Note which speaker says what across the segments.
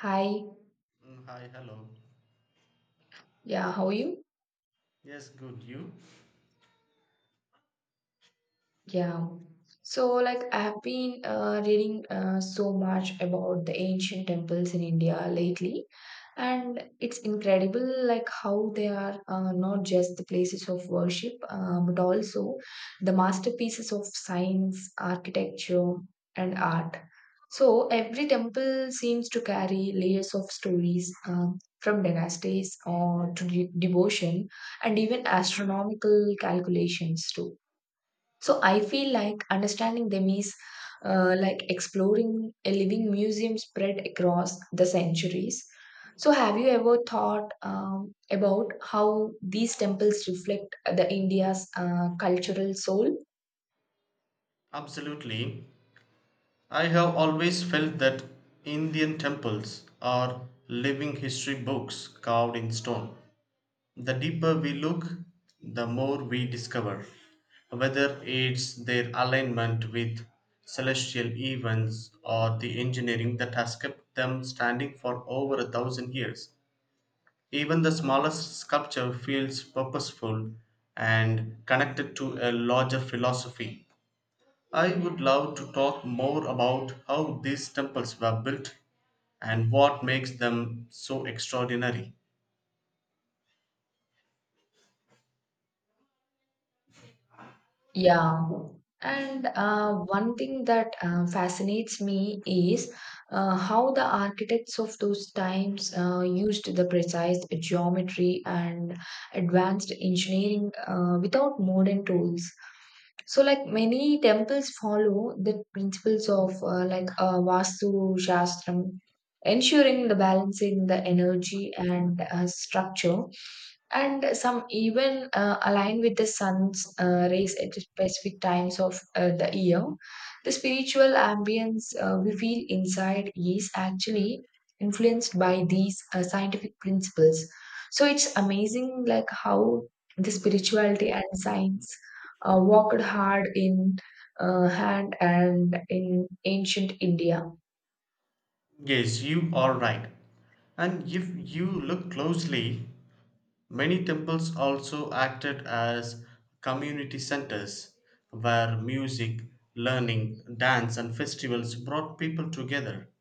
Speaker 1: Hi,
Speaker 2: Mm, Hi, hello.
Speaker 1: yeah, how are you?
Speaker 2: Yes, good. You?
Speaker 1: Yeah. I have been reading so much about the ancient temples in India lately, and it's incredible, like, how they are not just the places of worship, but also the masterpieces of science, architecture, and art. So, every temple seems to carry layers of stories from dynasties or to devotion and even astronomical calculations, too. So I feel like understanding them is like exploring a living museum spread across the centuries. So, have you ever thought about how these temples reflect the India's cultural soul?
Speaker 2: Absolutely. I have always felt that Indian temples are living history books carved in stone. The deeper we look, the more we discover, whether it's their alignment with celestial events or the engineering that has kept them standing for over a thousand years. Even the smallest sculpture feels purposeful and connected to a larger philosophy. I would love to talk more about how these temples were built and what makes them so extraordinary.
Speaker 1: Yeah. And one thing that fascinates me is how the architects of those times used the precise geometry and advanced engineering without modern tools. So, like many temples follow the principles of Vastu Shastram, ensuring the balancing the energy and structure and some even align with the sun's rays at specific times of the year. The spiritual ambience we feel inside is actually influenced by these scientific principles. So it's amazing, like how the spirituality and science worked hard in hand and in ancient India.
Speaker 2: Yes, you are right. And if you look closely, many temples also acted as community centers where music, learning, dance, and festivals brought people together.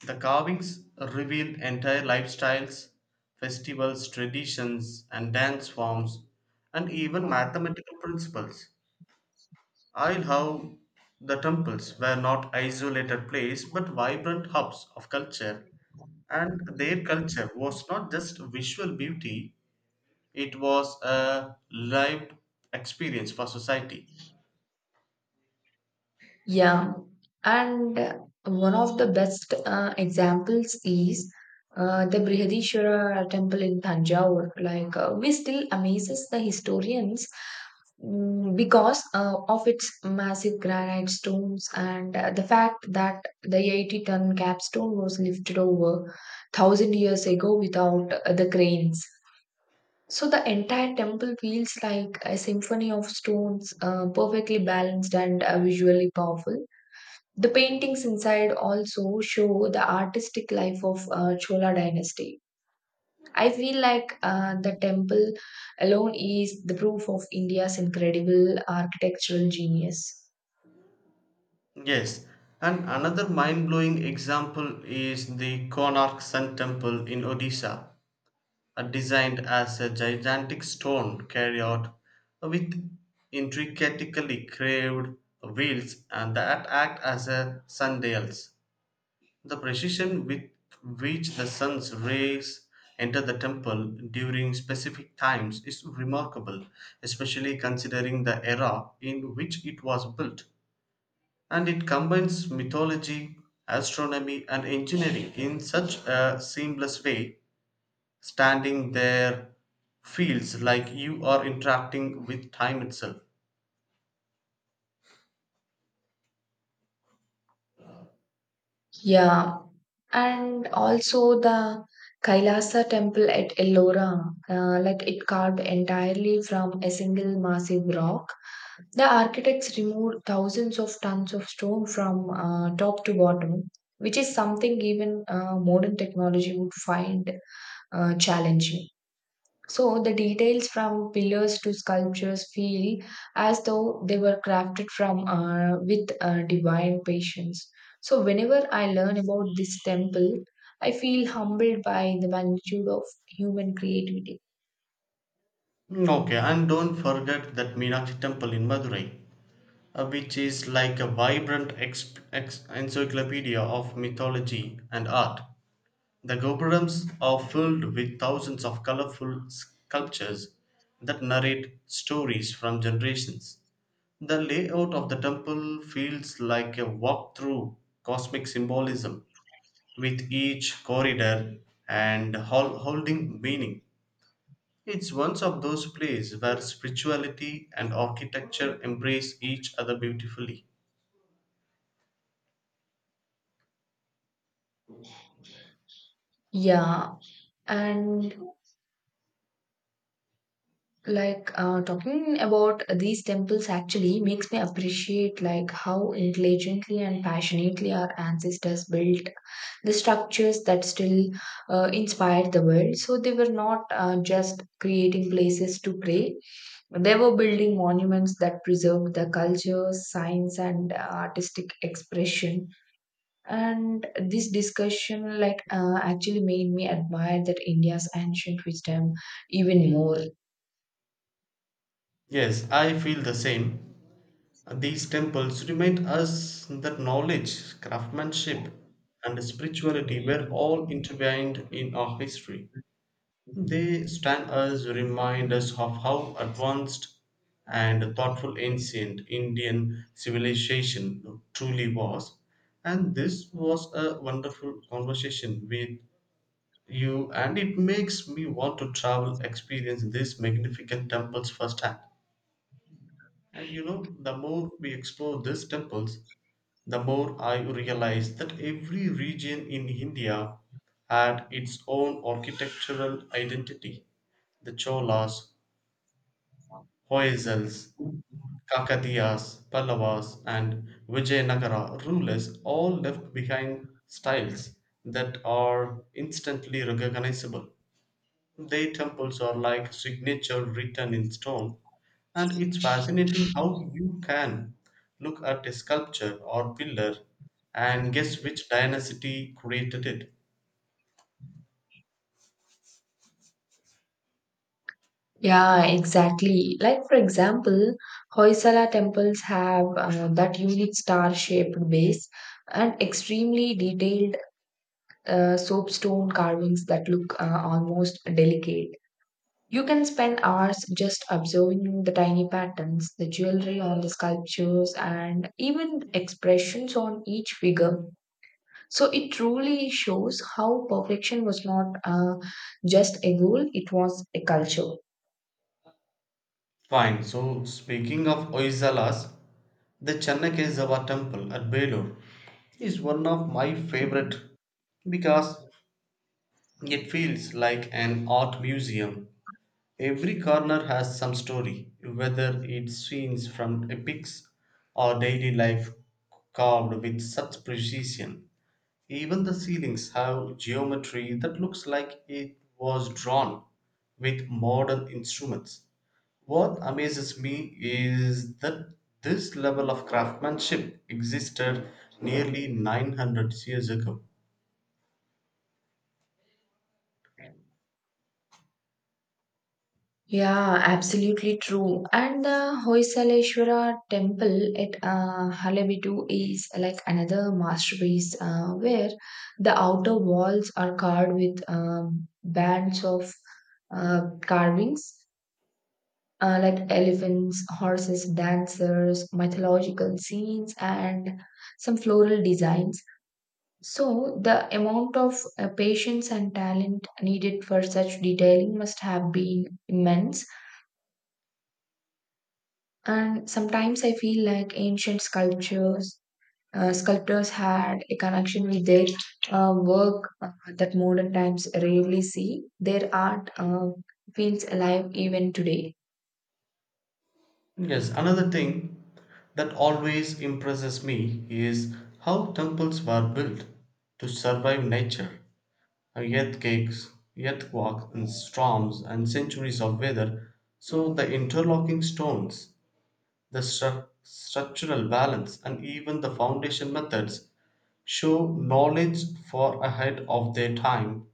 Speaker 2: The carvings reveal entire lifestyles, festivals, traditions, and dance forms, and even mathematical principles. I love the temples were not isolated places but vibrant hubs of culture, and their culture was not just visual beauty, it was a lived experience for society.
Speaker 1: Yeah, and one of the best examples is the Brihadishwara temple in Tanjore. Like, we still amazes the historians because of its massive granite stones and the fact that the 80-ton capstone was lifted over 1000 years ago without the cranes. So the entire temple feels like a symphony of stones, perfectly balanced and visually powerful. The paintings inside also show the artistic life of Chola dynasty. I feel like the temple alone is the proof of India's incredible architectural genius.
Speaker 2: Yes, and another mind blowing example is the Konark Sun Temple in Odisha, designed as a gigantic stone chariot with intricately carved wheels and that act as a sundials. The precision with which the sun's rays enter the temple during specific times is remarkable, especially considering the era in which it was built. And it combines mythology, astronomy, and engineering in such a seamless way standing there feels like you are interacting with time itself.
Speaker 1: Yeah, and also the Kailasa temple at Ellora, like it carved entirely from a single massive rock. The architects removed thousands of tons of stone from top to bottom, which is something even modern technology would find challenging. So the details from pillars to sculptures feel as though they were crafted from with divine patience. So whenever I learn about this temple, I feel humbled by the magnitude of human creativity.
Speaker 2: Mm, okay, and don't forget that Meenakshi Temple in Madurai, which is like a vibrant encyclopedia of mythology and art. The gopurams are filled with thousands of colorful sculptures that narrate stories from generations. The layout of the temple feels like a walk through cosmic symbolism with each corridor and holding meaning. It's one of those places where spirituality and architecture embrace each other beautifully.
Speaker 1: Yeah, and like talking about these temples actually makes me appreciate like how intelligently and passionately our ancestors built the structures that still inspired the world, so they were not just creating places to pray, they were building monuments that preserved the culture, science, and artistic expression, and this discussion like actually made me admire that india's ancient wisdom even more.
Speaker 2: Yes, I feel the same. These temples remind us that knowledge, craftsmanship, and spirituality were all intertwined in our history. They stand as reminders of how advanced and thoughtful ancient Indian civilization truly was. And this was a wonderful conversation with you, and it makes me want to travel, experience these magnificent temples firsthand. And you know, the more we explore these temples, the more I realized that every region in India had its own architectural identity. The Cholas, Hoysals, Kakadiyas, Pallavas, and Vijayanagara rulers all left behind styles that are instantly recognizable. Their temples are like signature written in stone, and it's fascinating how you can look at a sculpture or pillar and guess which dynasty created it.
Speaker 1: Yeah, exactly. Like, for example, Hoysala temples have that unique star shaped base and extremely detailed soapstone carvings that look almost delicate. You can spend hours just observing the tiny patterns, the jewelry on the sculptures, and even expressions on each figure. So it truly shows how perfection was not just a goal, it was a culture.
Speaker 2: Fine, so speaking of Oisalas, the Channakesava temple at Belur is one of my favorite because it feels like an art museum. Every corner has some story, whether it's scenes from epics or daily life carved with such precision. Even the ceilings have geometry that looks like it was drawn with modern instruments. What amazes me is that this level of craftsmanship existed nearly 900 years ago.
Speaker 1: Yeah, absolutely true. And the Hoysaleshwara temple at Halebidu is like another masterpiece where the outer walls are carved with bands of carvings like elephants, horses, dancers, mythological scenes, and some floral designs. So, the amount of patience and talent needed for such detailing must have been immense. And sometimes I feel like ancient sculptors had a connection with their work that modern times rarely see. Their art feels alive even today.
Speaker 2: Yes, another thing that always impresses me is how temples were built to survive nature, and earthquakes and storms, and centuries of weather. So the interlocking stones, the structural balance, and even the foundation methods show knowledge far ahead of their time,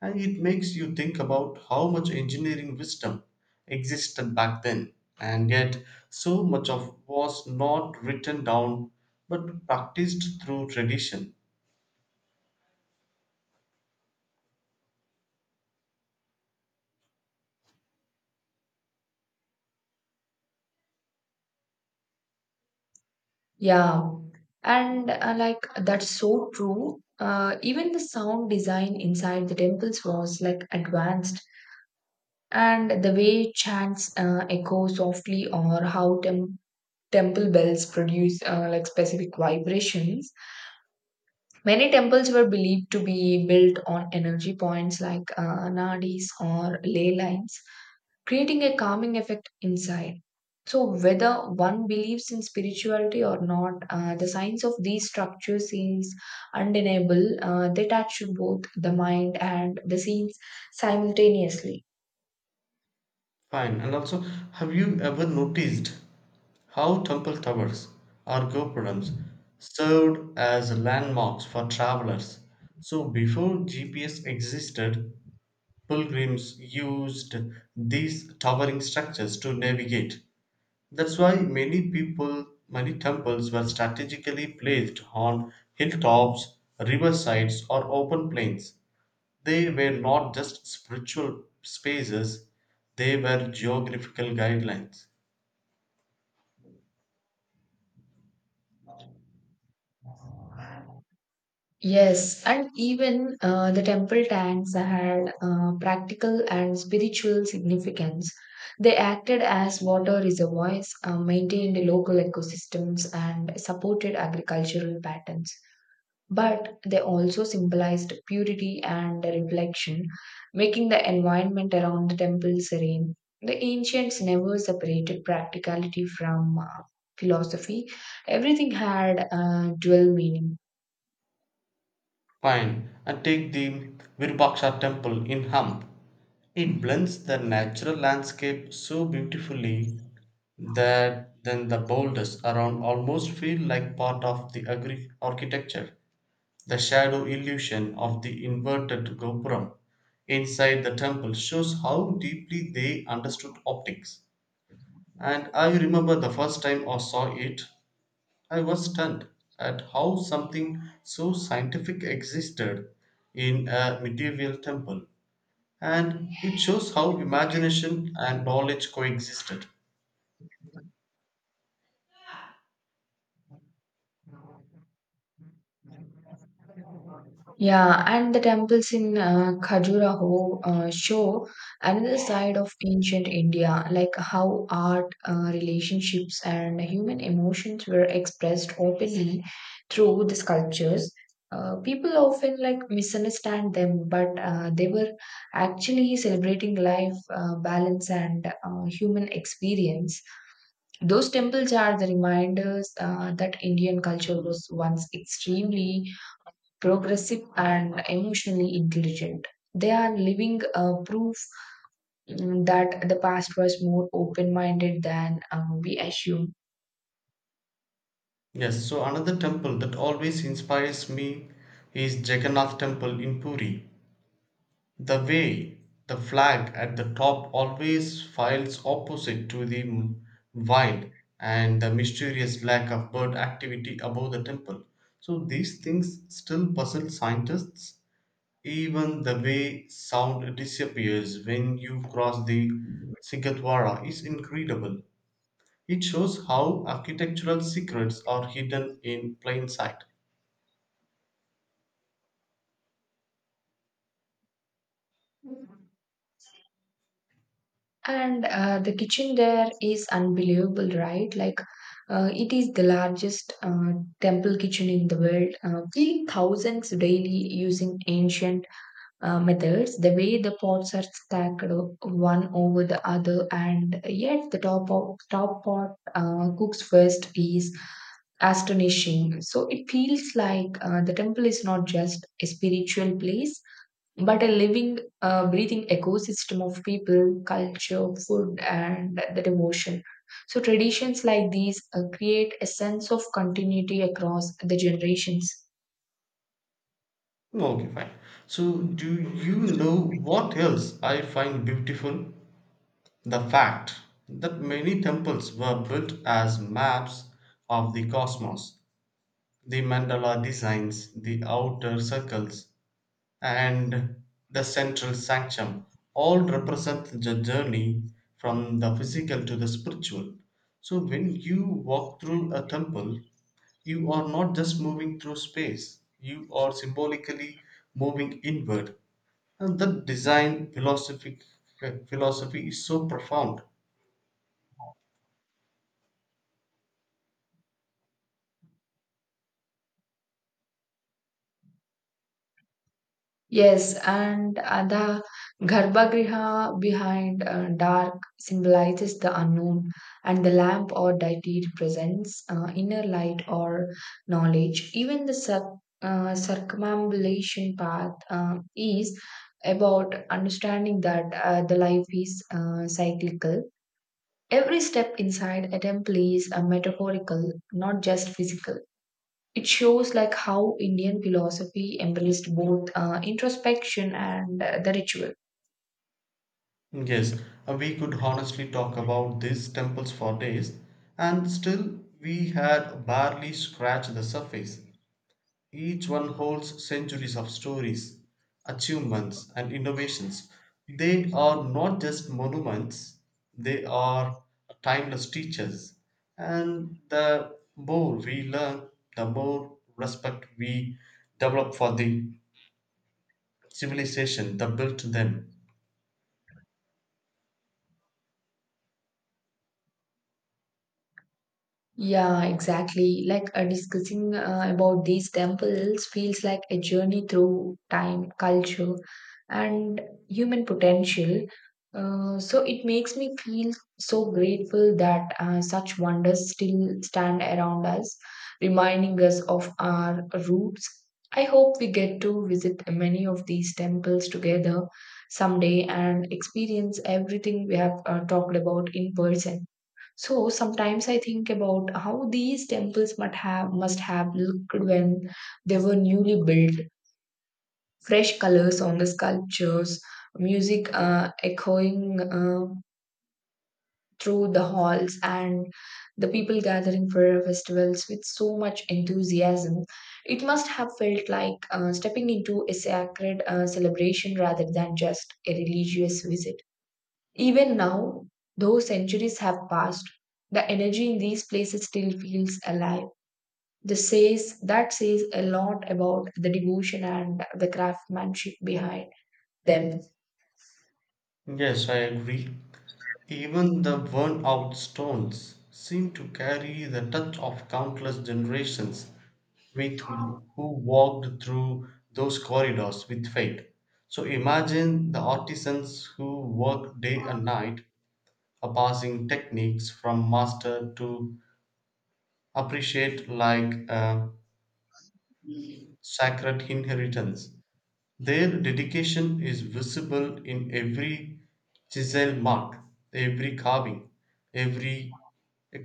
Speaker 2: and it makes you think about how much engineering wisdom existed back then and yet so much of was not written down but practiced through tradition.
Speaker 1: Yeah, and like that's so true. Even the sound design inside the temples was like advanced, and the way chants echo softly, or how temple bells produce like specific vibrations. Many temples were believed to be built on energy points like nadis or ley lines, creating a calming effect inside. So, whether one believes in spirituality or not, the science of these structures is undeniable. They touch both the mind and the scenes simultaneously.
Speaker 2: Fine, and also, have you ever noticed how temple towers or gopurams served as landmarks for travelers? So before GPS existed, pilgrims used these towering structures to navigate. That's why many temples were strategically placed on hilltops, riversides, or open plains. They were not just spiritual spaces, they were geographical guidelines.
Speaker 1: Yes, and even the temple tanks had practical and spiritual significance. They acted as water reservoirs, maintained local ecosystems, and supported agricultural patterns. But they also symbolized purity and reflection, making the environment around the temple serene. The ancients never separated practicality from philosophy, everything had a dual meaning.
Speaker 2: Fine. And take the Virubhaksha temple in Hamp. It blends the natural landscape so beautifully that then the boulders around almost feel like part of the architecture. The shadow illusion of the inverted gopuram inside the temple shows how deeply they understood optics. And I remember the first time I saw it, I was stunned at how something so scientific existed in a medieval temple, and it shows how imagination and knowledge coexisted.
Speaker 1: Yeah, and the temples in Khajuraho show another side of ancient India, like how art, relationships, and human emotions were expressed openly through the sculptures. People often like misunderstand them, but they were actually celebrating life, balance, and human experience. Those temples are the reminders that Indian culture was once extremely progressive, and emotionally intelligent. They are living proof that the past was more open minded than we assume.
Speaker 2: Yes, so another temple that always inspires me is Jagannath Temple in Puri. The way the flag at the top always files opposite to the wind and the mysterious lack of bird activity above the temple. So these things still puzzle scientists. Even the way sound disappears when you cross the Sigatwara is incredible. It shows how architectural secrets are hidden in plain sight.
Speaker 1: And the kitchen there is unbelievable, right? Like, it is the largest temple kitchen in the world, feeding thousands daily using ancient methods, the way the pots are stacked one over the other, and yet the top pot cooks first is astonishing. So it feels like the temple is not just a spiritual place, but a living, breathing ecosystem of people, culture, food, and the devotion. So traditions like these create a sense of continuity across the generations.
Speaker 2: Okay, fine. So, do you know what else I find beautiful? The fact that many temples were built as maps of the cosmos, the mandala designs, the outer circles, and the central sanctum all represent the journey from the physical to the spiritual. So when you walk through a temple, you are not just moving through space, you are symbolically moving inward. And that design philosophy is so profound.
Speaker 1: Yes, and the Garbhagriha behind dark symbolizes the unknown, and the lamp or deity represents inner light or knowledge. Even the circumambulation path is about understanding that the life is cyclical. Every step inside a temple is a metaphorical, not just physical. It shows like how Indian philosophy embraced both introspection and the ritual.
Speaker 2: Yes, we could honestly talk about these temples for days, and still we had barely scratched the surface. Each one holds centuries of stories, achievements, and innovations. They are not just monuments, they are timeless teachers. And the more we learn, the more respect we develop for the civilization that built them.
Speaker 1: Yeah, exactly. Like discussing about these temples feels like a journey through time, culture, and human potential. So it makes me feel so grateful that such wonders still stand around us, reminding us of our roots. I hope we get to visit many of these temples together someday and experience everything we have talked about in person. So sometimes I think about how these temples must have looked when they were newly built. Fresh colors on the sculptures, music echoing through the halls, and the people gathering for festivals with so much enthusiasm. It must have felt like stepping into a sacred celebration rather than just a religious visit. Even now, though centuries have passed, the energy in these places still feels alive. The says that says a lot about the devotion and the craftsmanship behind them.
Speaker 2: Yes, I agree. Even the worn out stones seem to carry the touch of countless generations with who walked through those corridors with faith. So imagine the artisans who work day and night, are passing techniques from master to appreciate like a sacred inheritance. Their dedication is visible in every chisel mark, every carving, every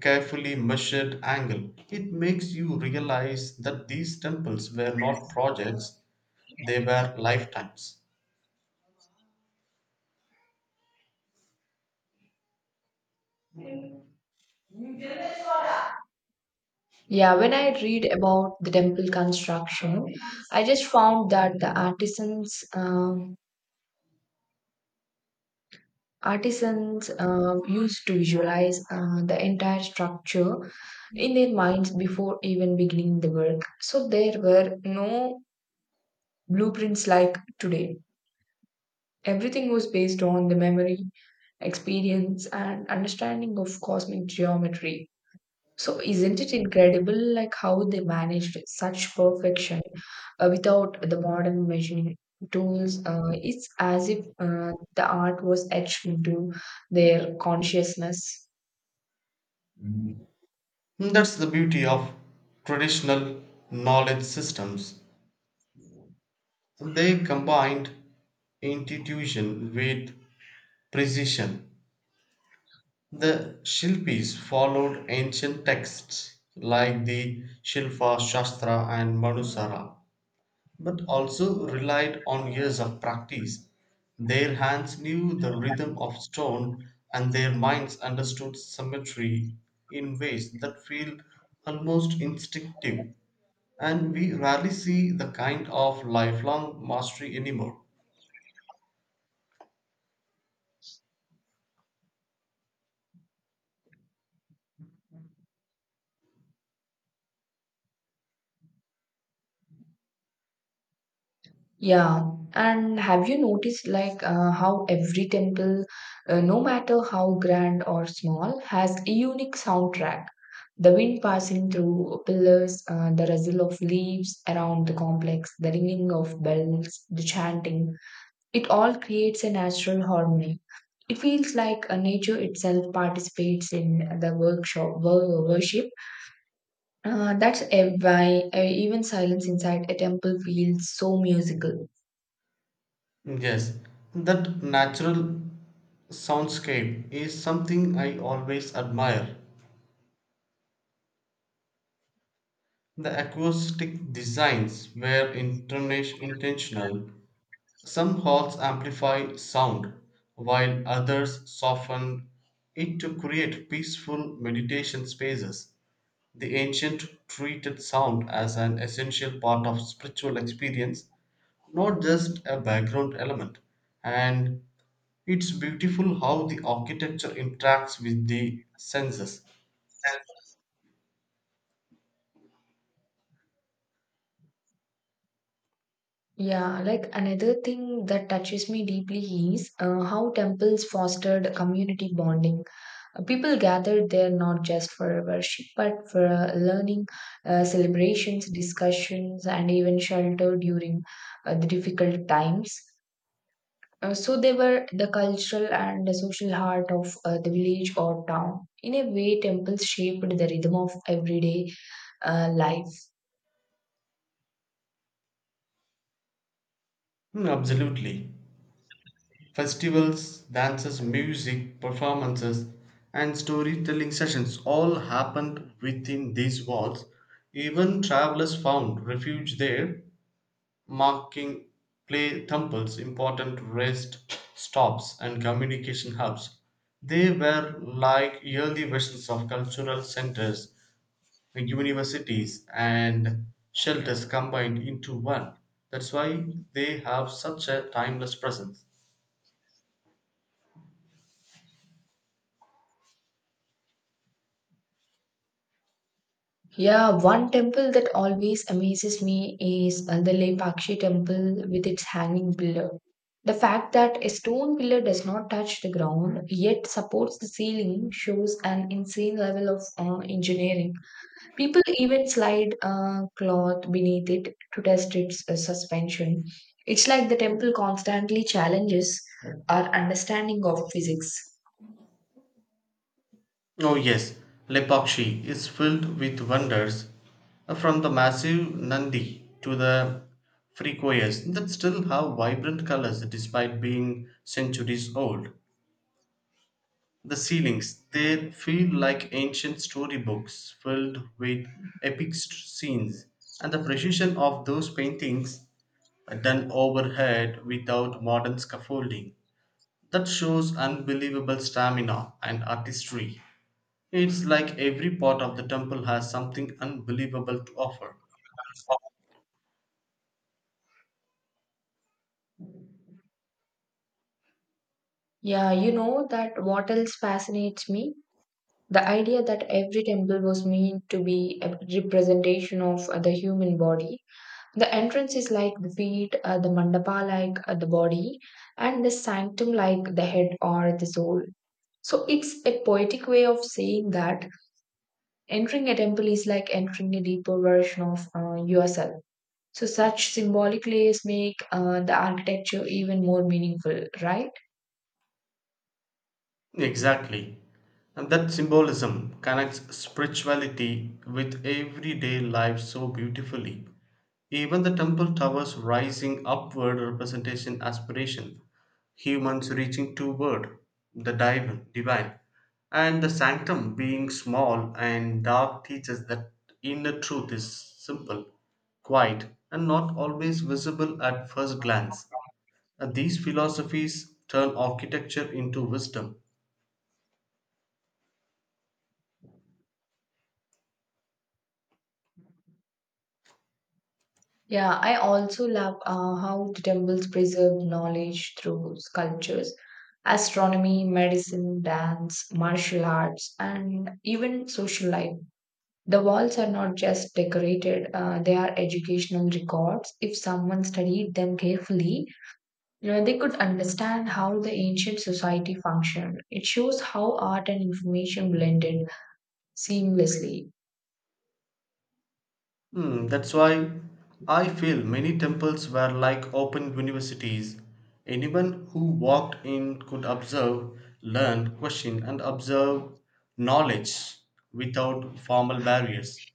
Speaker 2: carefully measured angle. It makes you realize that these temples were not projects, they were lifetimes.
Speaker 1: Yeah, when I read about the temple construction, I just found that the artisans used to visualize the entire structure in their minds before even beginning the work. So there were no blueprints like today. Everything was based on the memory, experience, and understanding of cosmic geometry. So, isn't it incredible, like how they managed such perfection without the modern measuring tools? It's as if the art was etched into their consciousness.
Speaker 2: That's the beauty of traditional knowledge systems. They combined intuition with precision. The Shilpis followed ancient texts like the Shilpa Shastra and Manusara, but also relied on years of practice. Their hands knew the rhythm of stone and their minds understood symmetry in ways that feel almost instinctive, and we rarely see the kind of lifelong mastery anymore.
Speaker 1: Yeah, and have you noticed like how every temple, no matter how grand or small, has a unique soundtrack? The wind passing through pillars, the rustle of leaves around the complex, the ringing of bells, the chanting, it all creates a natural harmony. It feels like nature itself participates in the worship. That's a, why even silence inside a temple feels so musical.
Speaker 2: Yes, that natural soundscape is something I always admire. The acoustic designs were intentional. Some halls amplify sound, while others soften it to create peaceful meditation spaces. The ancient treated sound as an essential part of spiritual experience, not just a background element. And it's beautiful how the architecture interacts with the senses.
Speaker 1: Yeah, like another thing that touches me deeply is how temples fostered community bonding. People gathered there not just for worship, but for learning, celebrations, discussions, and even shelter during the difficult times. So they were the cultural and the social heart of the village or town. In a way, temples shaped the rhythm of everyday life.
Speaker 2: Hmm, absolutely. Festivals, dances, music, performances, and storytelling sessions all happened within these walls. Even travelers found refuge there, marking play temples important rest stops and communication hubs. They were like early versions of cultural centers, universities, and shelters combined into one. That's why they have such a timeless presence.
Speaker 1: Yeah, one temple that always amazes me is the Lepakshi temple with its hanging pillar. The fact that a stone pillar does not touch the ground yet supports the ceiling shows an insane level of engineering. People even slide cloth beneath it to test its suspension. It's like the temple constantly challenges our understanding of physics.
Speaker 2: Oh, yes, Lepakshi is filled with wonders, from the massive Nandi to the Fricoyas that still have vibrant colors despite being centuries old. The ceilings, they feel like ancient storybooks filled with epic scenes, and the precision of those paintings are done overhead without modern scaffolding. That shows unbelievable stamina and artistry. It's like every part of the temple has something unbelievable to offer.
Speaker 1: Yeah, you know that what else fascinates me? The idea that every temple was meant to be a representation of the human body. The entrance is like the feet, the mandapa like the body, and the sanctum like the head or the soul. So it's a poetic way of saying that entering a temple is like entering a deeper version of yourself. So such symbolic layers make the architecture even more meaningful, right?
Speaker 2: Exactly. And that symbolism connects spirituality with everyday life so beautifully. Even the temple towers rising upward representation aspiration, humans reaching toward the divine, and the sanctum being small and dark teaches that inner truth is simple, quiet, and not always visible at first glance. And these philosophies turn architecture into wisdom.
Speaker 1: Yeah, I also love how the temples preserve knowledge through sculptures, astronomy, medicine, dance, martial arts, and even social life. The walls are not just decorated, they are educational records. If someone studied them carefully, you know, they could understand how the ancient society functioned. It shows how art and information blended seamlessly.
Speaker 2: Hmm, that's why I feel many temples were like open universities. Anyone who walked in could observe, learn, question, and observe knowledge without formal barriers.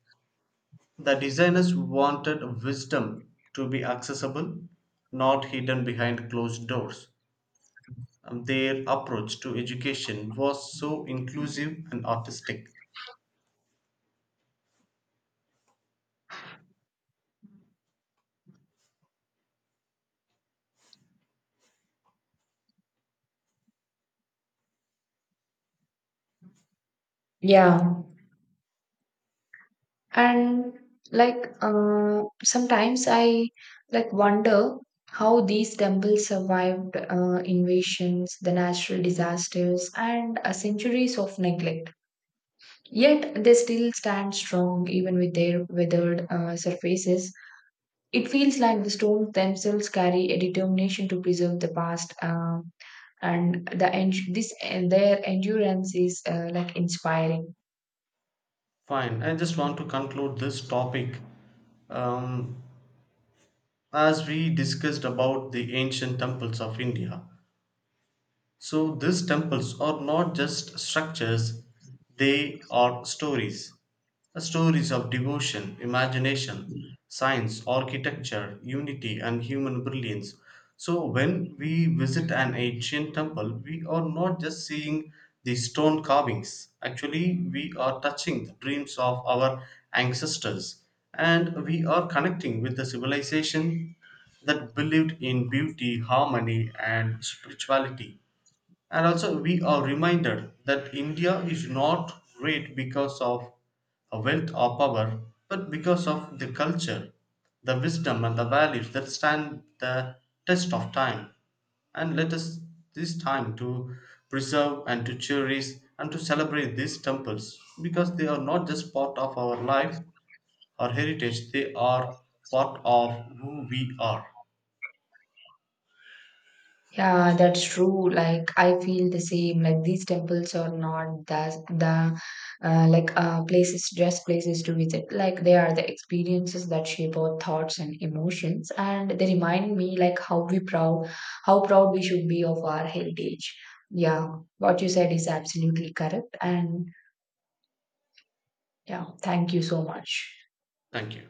Speaker 2: The designers wanted wisdom to be accessible, not hidden behind closed doors. And their approach to education was so inclusive and artistic.
Speaker 1: Yeah. And like sometimes I like wonder how these temples survived invasions, the natural disasters, and centuries of neglect. Yet they still stand strong even with their weathered surfaces. It feels like the stones themselves carry a determination to preserve the past, and this and their endurance is like inspiring.
Speaker 2: Fine, I just want to conclude this topic. Um, as we discussed about the ancient temples of India, so these temples are not just structures, they are stories. Stories of devotion, imagination, science, architecture, unity, and human brilliance. So when we visit an ancient temple, we are not just seeing the stone carvings. Actually, we are touching the dreams of our ancestors, and we are connecting with the civilization that believed in beauty, harmony, and spirituality. And also, we are reminded that India is not great because of a wealth or power, but because of the culture, the wisdom, and the values that stand the test of time. And let us this time to preserve and to cherish and to celebrate these temples because they are not just part of our life or heritage, they are part of who we are.
Speaker 1: Yeah, that's true. Like I feel the same. Like these temples are not that the places, just places to visit. Like they are the experiences that shape our thoughts and emotions, and they remind me like how proud we should be of our heritage. Yeah, what you said is absolutely correct. And yeah, thank you so much.
Speaker 2: Thank you.